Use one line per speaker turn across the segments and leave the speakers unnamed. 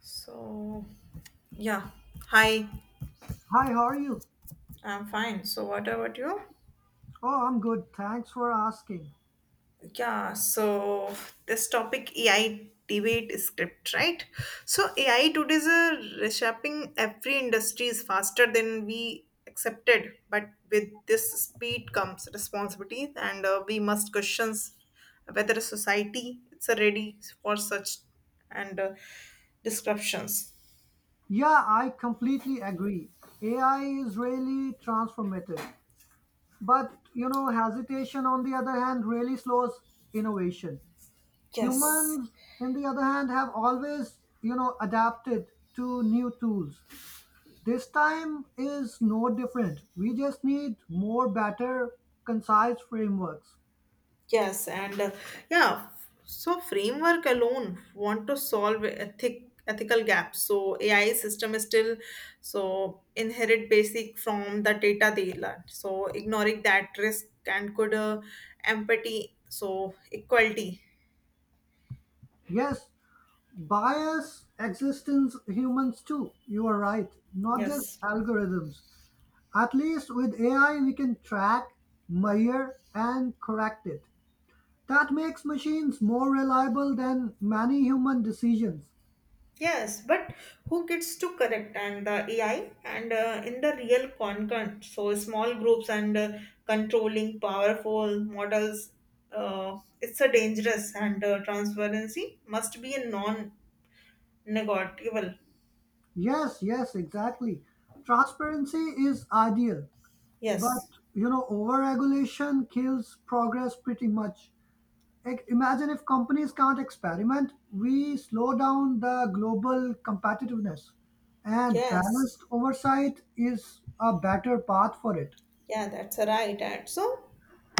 So, yeah. Hi,
Hi, how are you?
I'm fine. So, what about you?
Oh, I'm good. Thanks for asking.
Yeah, so this topic AI debate script, right? So, AI today is reshaping every industry is faster than we accepted, but with this speed comes responsibility, and we must question whether a society is ready for such and disruptions.
Yeah, I completely agree. AI is really transformative. But, hesitation, on the other hand, really slows innovation.
Yes.
Humans, on the other hand, have always, adapted to new tools. This time is no different. We just need more, better, concise frameworks.
Yes, and yeah, so framework alone want to solve ethical gaps. So AI system is still so inherit basic from the data they learn. So ignoring that risk and could empathy so equality.
Yes, bias exists in humans too. You are right, not just
Yes.
algorithms. At least with AI, we can track, measure, and correct it. That makes machines more reliable than many human decisions.
Yes, but who gets to correct and the AI and in the real content? So small groups and controlling powerful models. It's a dangerous and transparency must be a non-negotiable.
Yes, yes, exactly. Transparency is ideal, but
Yes.
overregulation kills progress pretty much. Like, imagine if companies can't experiment, we slow down the global competitiveness. And balanced
Yes.
oversight is a better path for it.
Yeah, that's right. And so,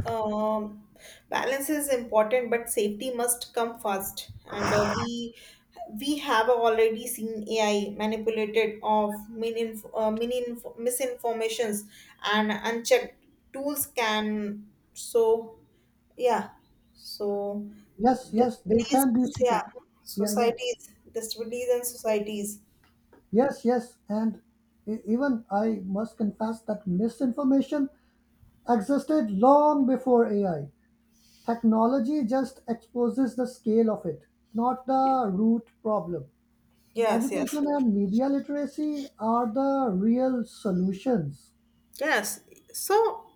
um, balance is important, but safety must come first. And we have already seen AI manipulated of misinformations and unchecked tools can. So yeah, so
Yes, yes, they
disabilities,
can be city.
yeah,
Yeah, yeah.
societies, disabilities and societies.
Yes, yes. And even I must confess that misinformation existed long before AI. Technology just exposes the scale of it, not the root problem.
Yes, yes.
Education and media literacy are the real solutions.
Yes, so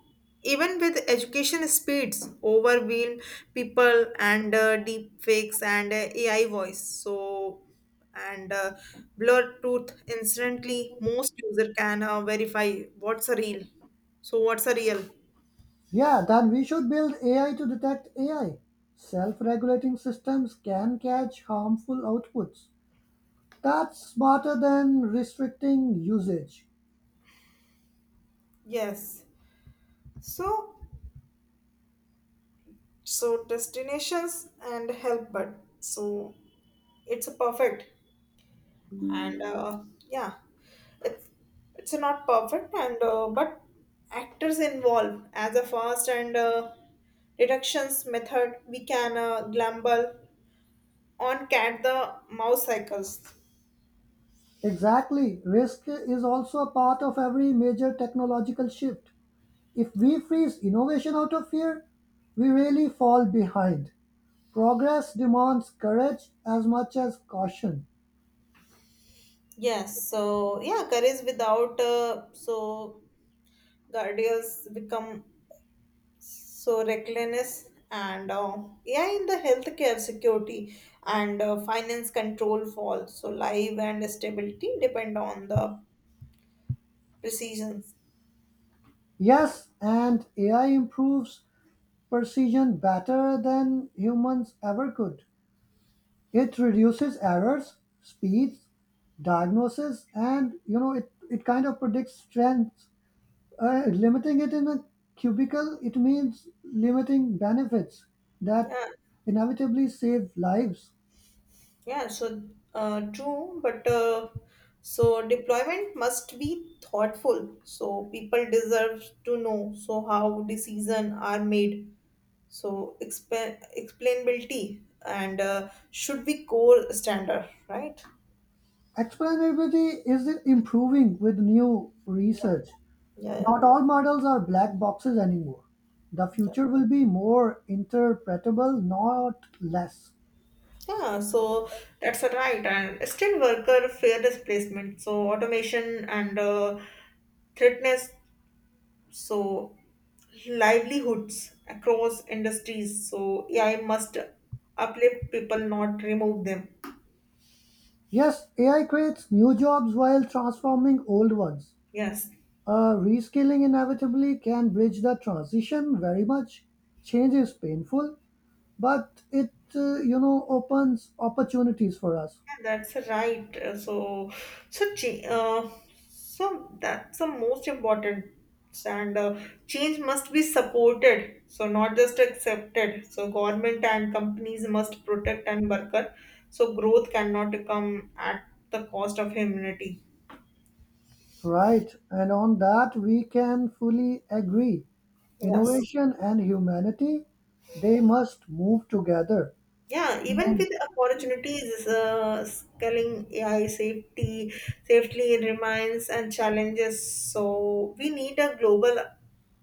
even with education speeds, overwhelm people and deep fakes and AI voice, so and blur truth instantly, most user can verify what's a real. So what's a real?
Yeah, then we should build AI to detect AI. Self regulating systems can catch harmful outputs. That's smarter than restricting usage.
Yes. So so destinations and help, but so it's a perfect. And yeah it's it's not perfect and but actors involved as a fast and deductions method we can gamble on cat the mouse cycles.
Exactly. Risk is also a part of every major technological shift. If we freeze innovation out of fear, we really fall behind. Progress demands courage as much as caution.
Yes, so yeah curries without so guardians become so reckless and yeah in the healthcare security and finance control fall so life and stability depend on the precision.
Yes, and AI improves precision better than humans ever could. It reduces errors, speeds, diagnosis, and it kind of predicts strengths. Limiting it in a cubicle, it means limiting benefits that
Yeah,
inevitably save lives.
yeah. So true, but so deployment must be thoughtful. So people deserve to know. So how decision are made. So explainability and should be core standard, right?
Explainability is improving with new
Yeah,
research.
yeah, yeah.
Not all models are black boxes anymore. The
Yeah,
future will be more interpretable, not less.
yeah, so that's a right. And skilled worker fair displacement. So automation and threatness so livelihoods across industries so AI must uplift people, not remove them.
Yes, AI creates new jobs while transforming old ones.
Yes,
Reskilling inevitably can bridge the transition very much. Change is painful, but it opens opportunities for us.
yeah, that's right. So so cha- uh, so that's the most important and change must be supported, so not just accepted, so government and companies must protect and worker so growth cannot come at the cost of humanity.
Right, and on that we can fully agree.
Yes.
Innovation and humanity, they must move together.
Yeah, even
And
with opportunities, scaling AI safety safely remains and challenges. So we need a global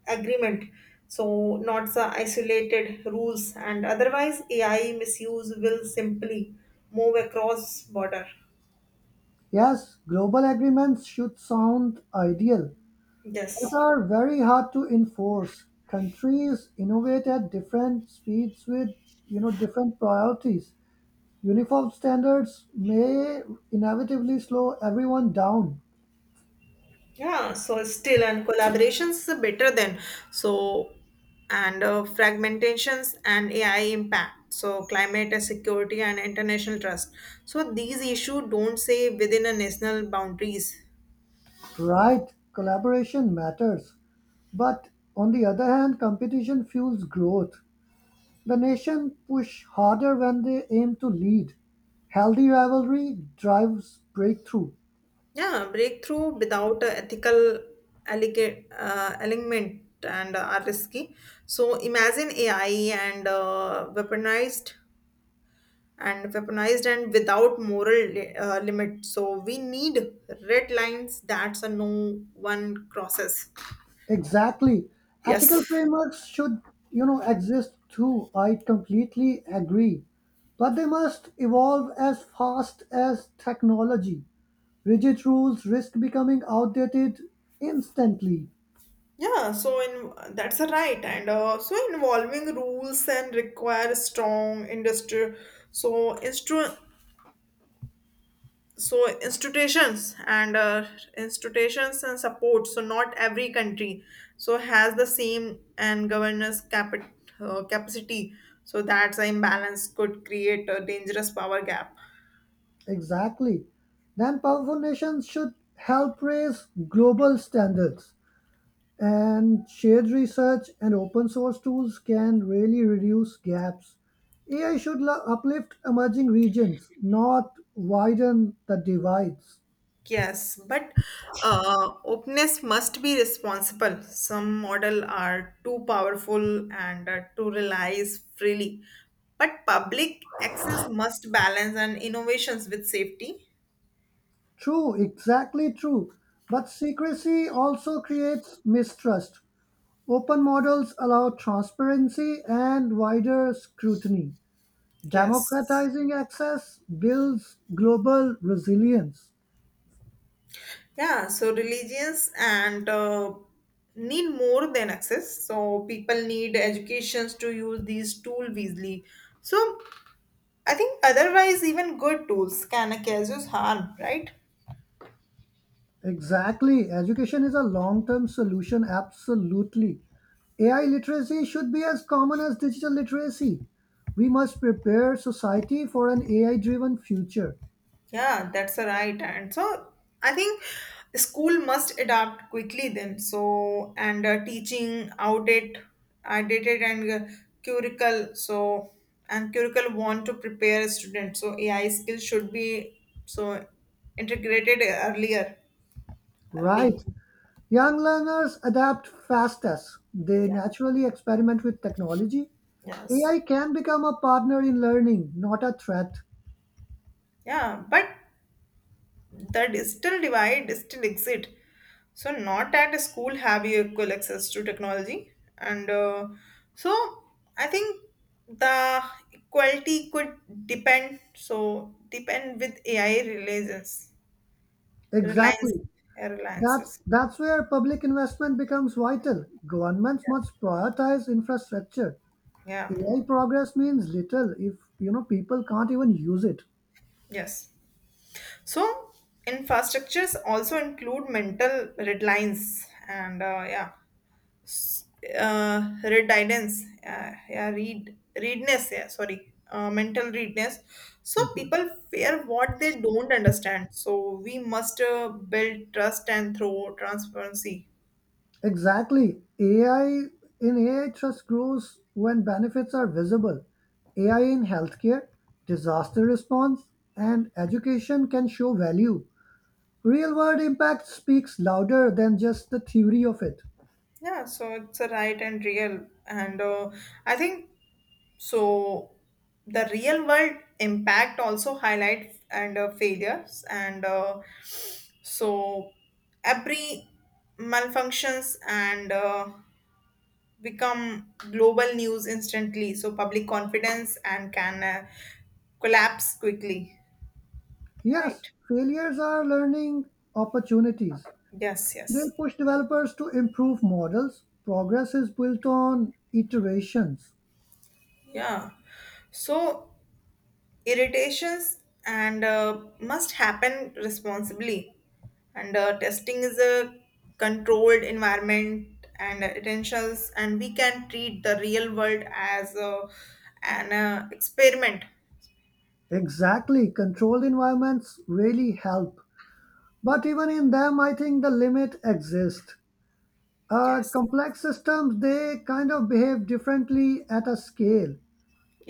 agreement. So not the isolated rules, and otherwise AI misuse will simply move across border.
Yes, global agreements should sound ideal, but
Yes.
are very hard to enforce. Countries innovate at different speeds with different priorities. Uniform standards may inevitably slow everyone down.
Yeah, so still and collaborations is better than so and fragmentations and AI impact. So climate and security and international trust. So these issues don't say within a national boundaries.
Right, collaboration matters, but on the other hand, competition fuels growth. The nation push harder when they aim to lead. Healthy rivalry drives breakthrough.
Yeah, breakthrough without a ethical alignment and are risky. So imagine AI and weaponized and without moral limit. So we need red lines that's a no one crosses.
Exactly. Ethical
Yes.
frameworks should, exist too. I completely agree. But they must evolve as fast as technology. Rigid rules risk becoming outdated instantly.
Yeah, so in that's a right, and so involving rules and require strong industry. So instru- so institutions and institutions and support, so not every country so has the same and governance capacity, so that's an imbalance could create a dangerous power gap.
Exactly. Then powerful nations should help raise global standards. And shared research and open source tools can really reduce gaps. AI should uplift emerging regions, not widen the divides.
Yes, but openness must be responsible. Some model are too powerful and to realize freely, but public access must balance and innovations with safety.
True, exactly true. But secrecy also creates mistrust. Open models allow transparency and wider scrutiny.
Yes.
Democratizing access builds global resilience.
Yeah, so religions and need more than access. So people need educations to use these tool wisely. So I think otherwise even good tools can cause us harm, right?
Exactly. Education is a long term solution, absolutely. AI literacy should be as common as digital literacy. We must prepare society for an AI driven future.
Yeah, that's a right. And so I think school must adapt quickly then. So and teaching outdated and curricle. So and curricle want to prepare a student. So AI skills should be so integrated early.
Right. Young learners adapt fastest, they
Yeah.
naturally experiment with technology.
Yes.
AI can become a partner in learning, not a threat.
Yeah. But the digital divide still exists, so not at school have you equal access to technology and so I think the equality could depend so depend with AI reliance
Exactly. That's
reliances.
that's where public investment becomes vital. Governments
Yeah.
must prioritize infrastructure.
Yeah.
AI progress means little if people can't even use it.
Yes, so infrastructures also include mental red lines and yeah readiness. Yeah, sorry, mental readiness. So people fear what they don't understand. So we must build trust and through transparency.
Exactly. AI trust grows when benefits are visible. AI in healthcare, disaster response, and education can show value. Real world impact speaks louder than just the theory of it.
Yeah, so it's a right and real, and I think so. The real world impact also highlight and failures and so every malfunctions and. Become global news instantly, so public confidence and can collapse quickly,
Yes,
right?
failures are learning opportunities.
Yes,
They
yes.
push developers to improve models. Progress is built on iterations.
Yeah, so irritations and must happen responsibly and testing is a controlled environment and essentials, and we can treat the real world as an experiment.
Exactly. Controlled environments really help. But even in them, I think the limit exists.
Yes,
Complex systems, they kind of behave differently at a scale.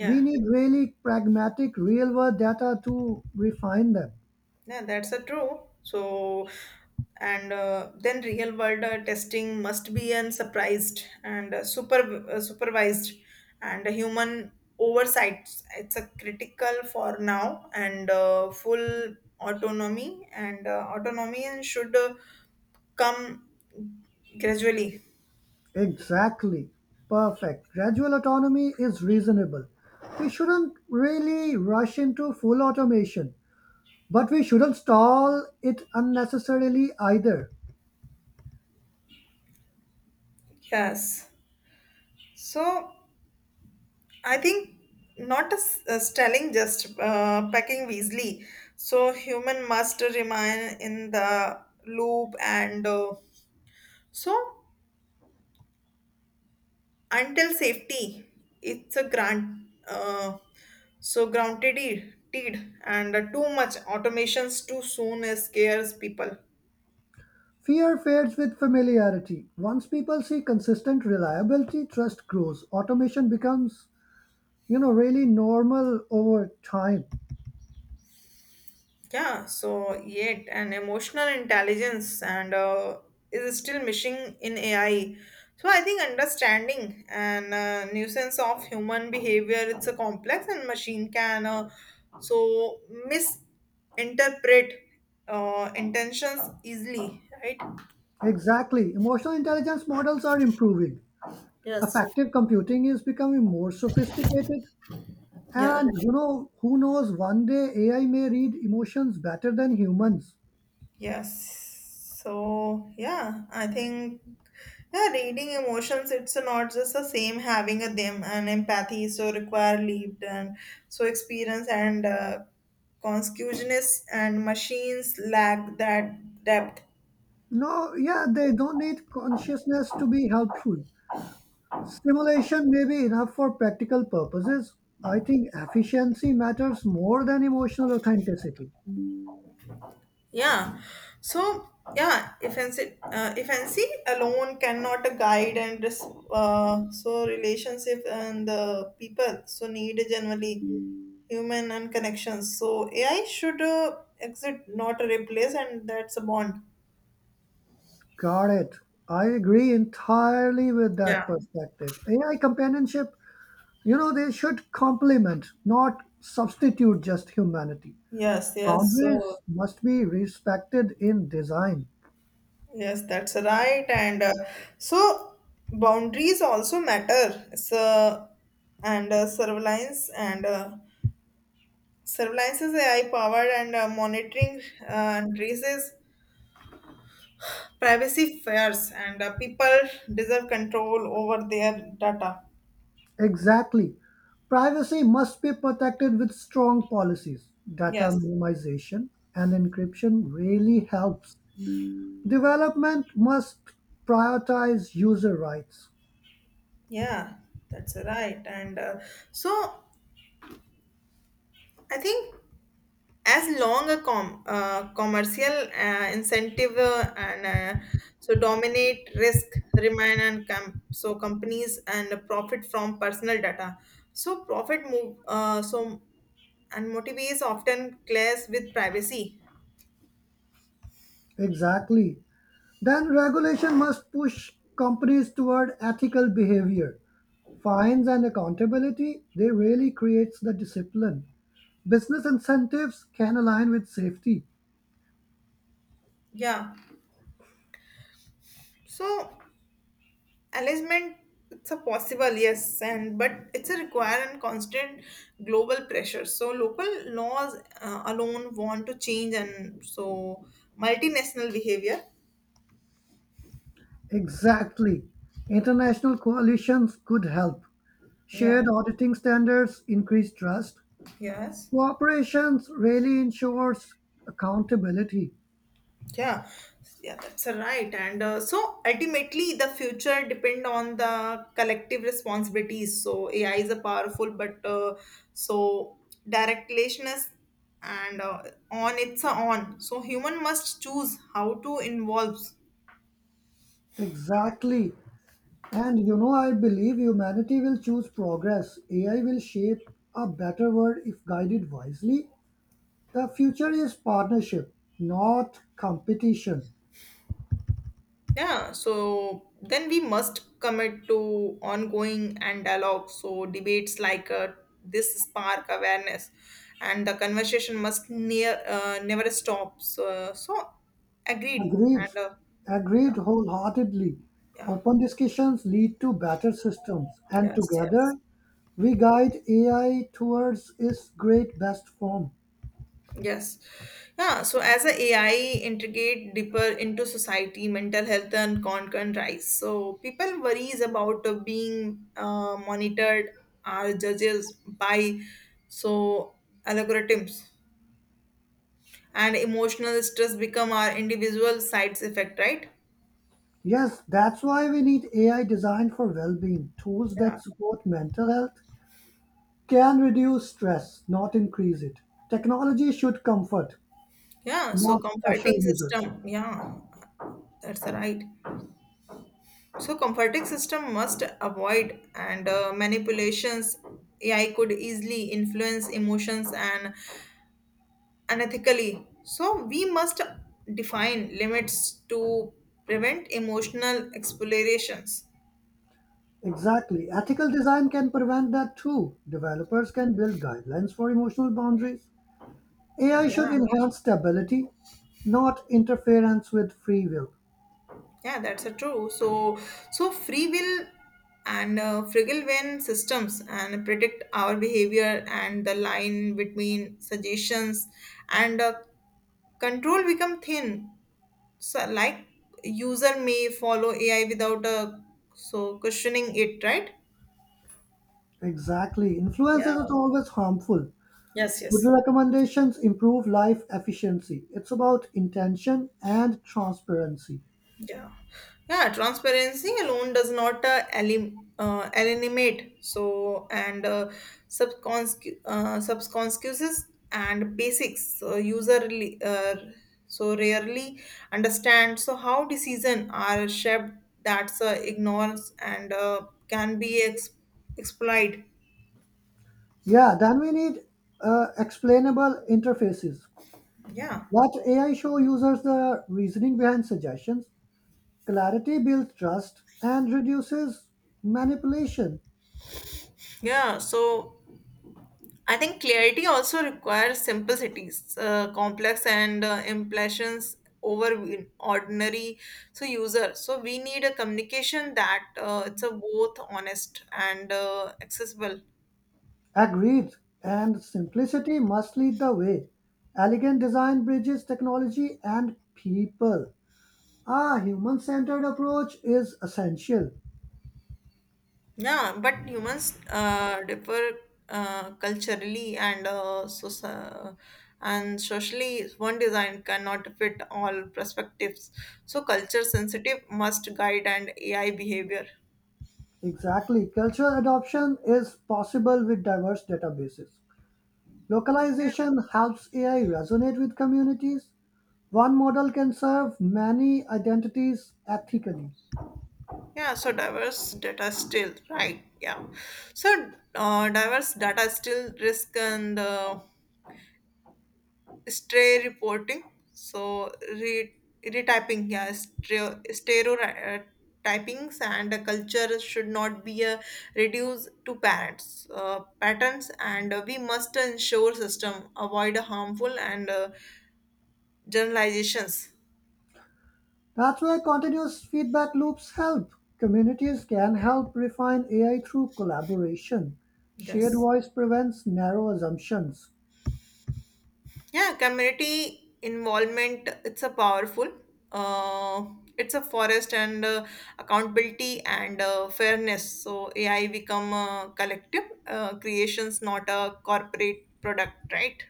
We need really pragmatic real world data to refine them.
Yeah, that's a true. So, and then real world testing must be un surprised and supervised and human oversight. It's a critical for now and full autonomy and autonomy and should come gradually.
Exactly. Perfect. Gradual autonomy is reasonable. We shouldn't really rush into full automation, but we shouldn't stall it unnecessarily either.
Yes. So. I think not a, a stelling, just pecking Weasley. So human must remain in the loop and so until safety. It's a grant. Uh, so grounded, teed, and too much automations too soon scares people.
Fear fades with familiarity. Once people see consistent reliability, trust grows. Automation becomes, really normal over time.
Yeah, so yet an emotional intelligence and is still missing in AI. So I think understanding and nuisance of human behavior it's a complex and machine can so misinterpret intentions easily, right?
Exactly. Emotional intelligence models are improving.
Yes.
Effective computing is becoming more sophisticated.
Yeah.
And, who knows, one day AI may read emotions better than humans.
Yes. So, yeah, I think yeah, reading emotions, it's not just the same having a them and empathy, so require lived and so experience and consciousness and machines lack that depth.
No, yeah, they don't need consciousness to be helpful. Stimulation may be enough for practical purposes. I think efficiency matters more than emotional authenticity.
Yeah. So, yeah, infancy alone cannot guide and so relationship and the people so need generally human and connections. So AI should exit, not replace, and that's a bond.
Got it. I agree entirely with
Yeah.
that perspective. AI companionship, they should complement, not substitute just humanity.
Yes, yes. So,
Boundaries must be respected in design.
yes, that's right. And so boundaries also matter. So, and surveillance and surveillance's AI powered and monitoring raises privacy fears, and people deserve control over their data.
Exactly. Privacy must be protected with strong policies. Data
Yes,
minimization and encryption really helps. Development must prioritize user rights.
yeah, that's right. And so I think. As long a commercial incentive and uh, so dominate risk remain and so companies and profit from personal data so profit move so and motive is often clash with privacy.
Exactly. Then regulation must push companies toward ethical behavior. Fines and accountability, they really creates the discipline. Business incentives can align with safety.
Yeah, so alignment it's a possible, yes, and but it's a require and constant global pressure, so local laws alone want to change and so multinational behavior.
Exactly. International coalitions could help. Shared
Yeah.
auditing standards increase trust.
Yes.
Cooperations really ensures accountability.
Yeah. Yeah, that's right. And so ultimately, the future depend on the collective responsibilities. So AI is a powerful, but so directlessness and on it's a on. So human must choose how to involve.
Exactly. And I believe humanity will choose progress. AI will shape a better world if guided wisely. The future is partnership, not competition.
Yeah, so then we must commit to ongoing and dialogue. So debates like this spark awareness, and the conversation must near never stop. So, so agreed.
Agreed.
And yeah,
Agreed wholeheartedly.
yeah,
Open discussions lead to better systems, and
yes,
together
yes.
we guide AI towards its great best form.
Yes. Yeah. So as a AI integrate deeper into society, mental health and concern rise. So people worries about being monitored are judges by so algorithms and emotional stress become our individual sides effect, right?
Yes, that's why we need AI designed for well being, tools that
Yeah.
support mental health can reduce stress, not increase it. Technology should comfort,
Yeah. So
not pressure
comforting
users.
system. Yeah. That's right. So comforting system must avoid and manipulations. AI could easily influence emotions and unethically. So we must define limits to prevent emotional explorations.
Exactly. Ethical design can prevent that too. Developers can build guidelines for emotional boundaries. AI
Yeah,
should enhance stability, not interference with free will.
yeah, that's a true. So so free will and fragile when systems and predict our behavior and the line between suggestions and control become thin, so like user may follow AI without a so questioning it, right?
Exactly. Influence isn't
Yeah.
always harmful.
Yes,
Good
yes.
recommendations improve life efficiency. It's about intention and transparency.
Yeah. Yeah, transparency alone does not eliminate so and subconscious and basics so user so rarely understand so how decision are shaped. That's ignores and can be exploited.
Yeah, then we need explainable interfaces.
Yeah.
Let AI show users the reasoning behind suggestions. Clarity builds trust and reduces manipulation.
Yeah, so I think clarity also requires simplicities, complex and impressions over ordinary so user. So we need a communication that it's a both honest and accessible.
Agreed. And simplicity must lead the way. Elegant design bridges technology and people. A human centered approach is essential.
Yeah, but humans differ culturally and so and socially. One design cannot fit all perspectives. So culture sensitive must guide and AI behavior.
Exactly. Cultural adoption is possible with diverse databases. Localization helps AI resonate with communities. One model can serve many identities ethically.
Yeah, so diverse data still, right? Yeah. So diverse data still risk and stray reporting. So re retyping, yeah, stereotypings and culture should not be reduced to patterns, and we must ensure system avoid harmful and generalizations.
That's why continuous feedback loops help. Communities can
Yeah.
help refine AI through collaboration. Shared
Yes.
voice prevents narrow assumptions.
Yeah, community involvement, it's a powerful. Uh, it's a forest and accountability and fairness. So AI become a collective creations, not a corporate product, right?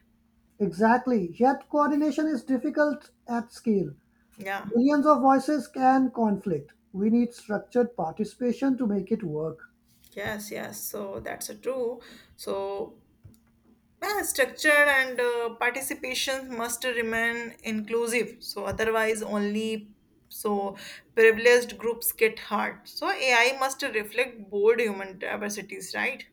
Exactly, yet coordination is difficult at scale.
Yeah.
Millions of voices can conflict. We need structured participation to make it work.
Yes, yes. So that's a true. So yeah, structure and participation must remain inclusive. So otherwise, only so privileged groups get hurt. So AI must reflect bold human diversities, right?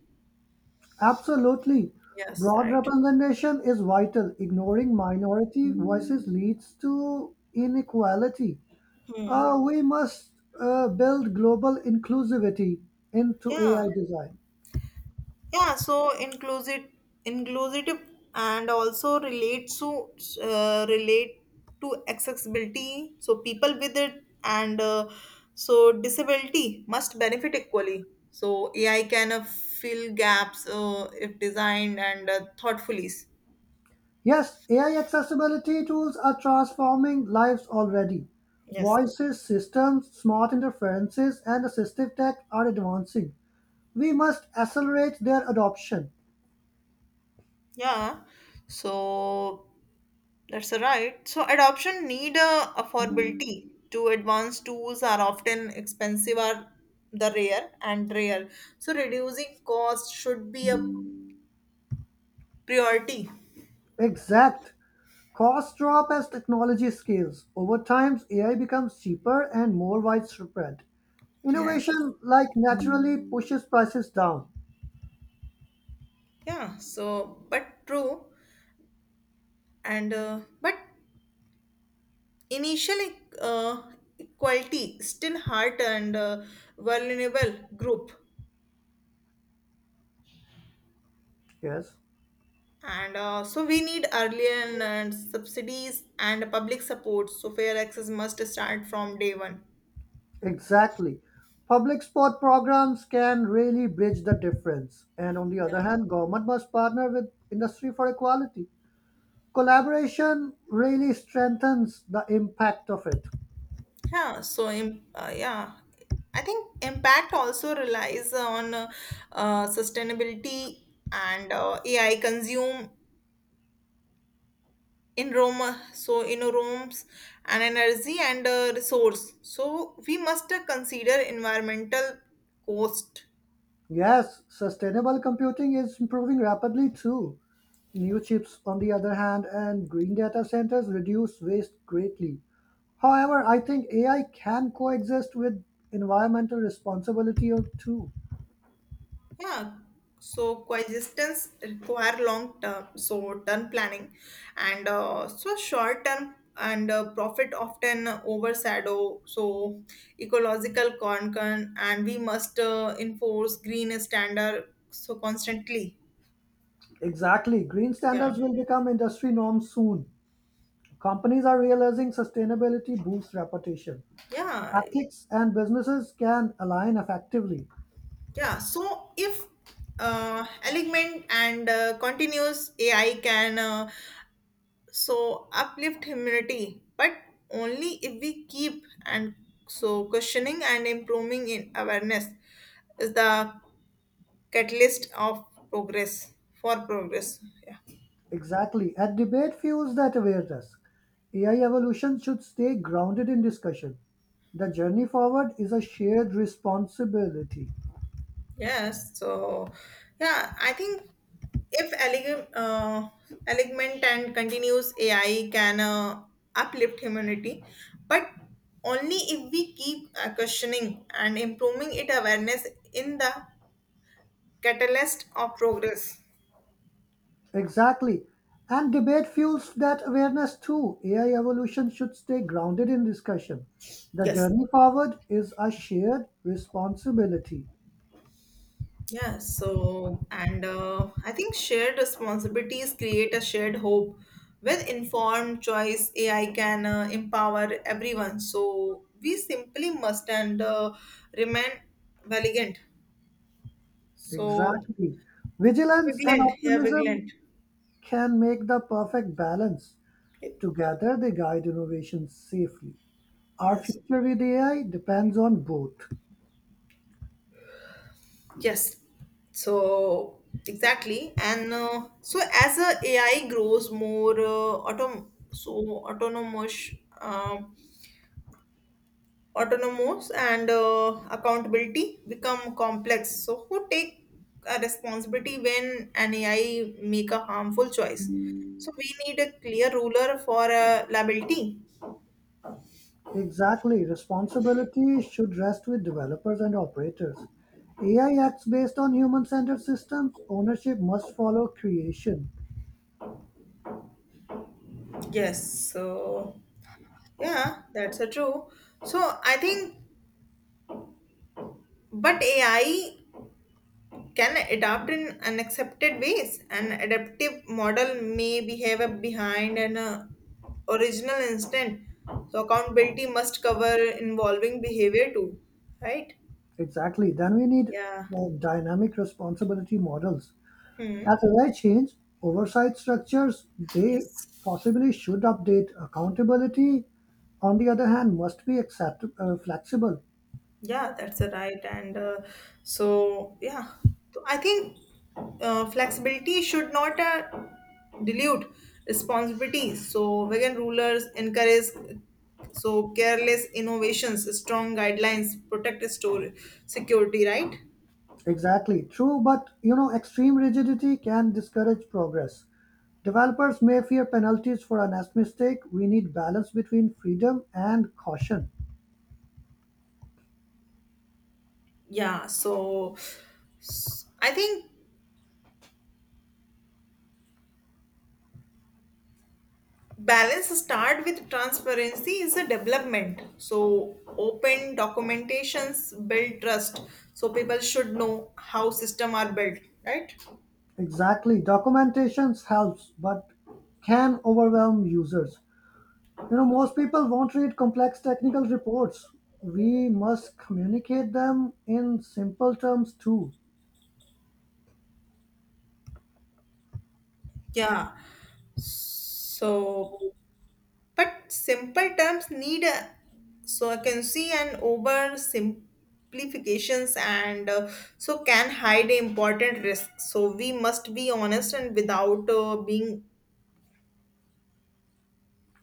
Absolutely.
Yes,
Broad
right.
representation is vital. Ignoring minority voices leads to inequality.
Hmm.
We must build global inclusivity into AI
Yeah.
design.
Yeah, so inclusive, and also relate to relate to accessibility. So people with it and so disability must benefit equally. So AI can fill gaps if designed and thoughtfully.
Yes, AI accessibility tools are transforming lives already.
Yes.
Voices, systems, smart interferences, and assistive tech are advancing. We must accelerate their adoption.
Yeah. So that's right. So adoption need affordability. To advanced tools are often expensive or the rare. So reducing cost should be a priority.
Exact. Costs drop as technology scales. Over time, AI becomes cheaper and more widespread.
Yes.
Innovation, like naturally, pushes prices down.
Yeah. So, but true. And but initial uh, equality still hurt and vulnerable group.
Yes,
And so we need early and subsidies and public support. So fair access must start from day one.
exactly. Public sport programs can really bridge the difference. And on the
Yeah.
other hand, government must partner with industry for equality. Collaboration really strengthens the impact of it.
Yeah, so yeah, I think impact also relies on sustainability and AI consume in Rome, so in rooms and energy and resource. So we must consider environmental cost.
Yes, sustainable computing is improving rapidly too. New chips, on the other hand, and green data centers reduce waste greatly. However, I think AI can coexist with environmental responsibility or too.
Yeah, so coexistence require long term, so term planning, and so short term and profit often overshadow so ecological concern, and we must enforce green standard so constantly.
Exactly. Green
Yeah,
standards will become industry norms soon. Companies are realizing sustainability boosts reputation.
yeah,
Ethics and businesses can align effectively.
yeah. So if uh, alignment and continuous AI can. So uplift humanity, but only if we keep and so questioning and improving in awareness is the catalyst of progress for progress. Yeah.
Exactly. And debate fuels that awareness. AI evolution should stay grounded in discussion. The journey forward is a shared responsibility.
Yes. So yeah, I think if elegant and continuous AI can uplift humanity, but only if we keep questioning and improving it awareness in the catalyst of progress.
Exactly. And debate fuels that awareness too. AI evolution should stay grounded in discussion. The
Yes.
journey forward is a shared responsibility.
Yeah. So, and I think shared responsibilities create a shared hope. With informed choice, AI can empower everyone. So, we simply must and remain vigilant. So,
Exactly. Vigilance and
vigilant. Yeah,
optimism
vigilant.
can make the perfect balance. Together, they guide innovation safely. Our
Yes.
future with AI depends on both.
Yes. So exactly, and so as AI grows more autom so autonomous, uh, autonomous and accountability become complex, so who take a responsibility when an AI make a harmful choice? So we need a clear ruler for liability.
Exactly, responsibility should rest with developers and operators. AI acts based on human centered systems, ownership must follow creation.
Yes, so yeah, that's a true. So I think but AI can adapt in unaccepted ways. An adaptive model may behave behind an original instant. So accountability must cover involving behavior too, right?
Exactly, then we need
Yeah.
dynamic responsibility models.
Hmm.
As AI change, oversight structures, they
Yes.
possibly should update. Accountability, on the other hand, must be flexible.
Yeah, that's a right. And so, yeah, so I think flexibility should not dilute responsibility. So, vegan rulers encourage so careless innovations, strong guidelines, protect store security, right?
Exactly, true, but extreme rigidity can discourage progress. Developers may fear penalties for a mistake. We need balance between freedom and caution.
Yeah, so I think balance start with transparency is a development, so open documentations build trust, so people should know how system are built, right?
Exactly, documentation helps, but can overwhelm users. Most people won't read complex technical reports. We must communicate them in simple terms too.
Yeah, so but simple terms need a, so I can see an over simplifications and so can hide important risks, so we must be honest and without being.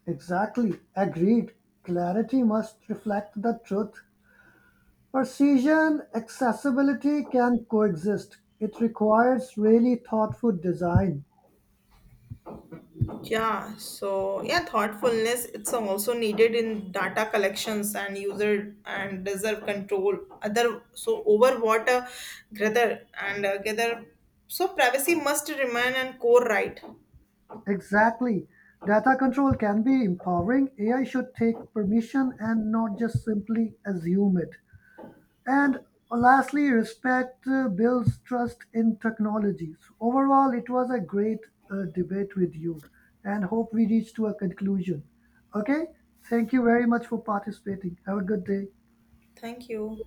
Exactly, agreed. Clarity must reflect the truth. Precision accessibility can coexist. It requires really thoughtful design.
Yeah, so yeah, thoughtfulness it's also needed in data collections and user and reserve control. Other so over what gather. So privacy must remain and core right.
Exactly. Data control can be empowering. AI should take permission and not just simply assume it. And lastly, respect builds trust in technologies. Overall, it was a great debate with you and hope we reach to a conclusion. Okay? Thank you very much for participating. Have a good day.
Thank you.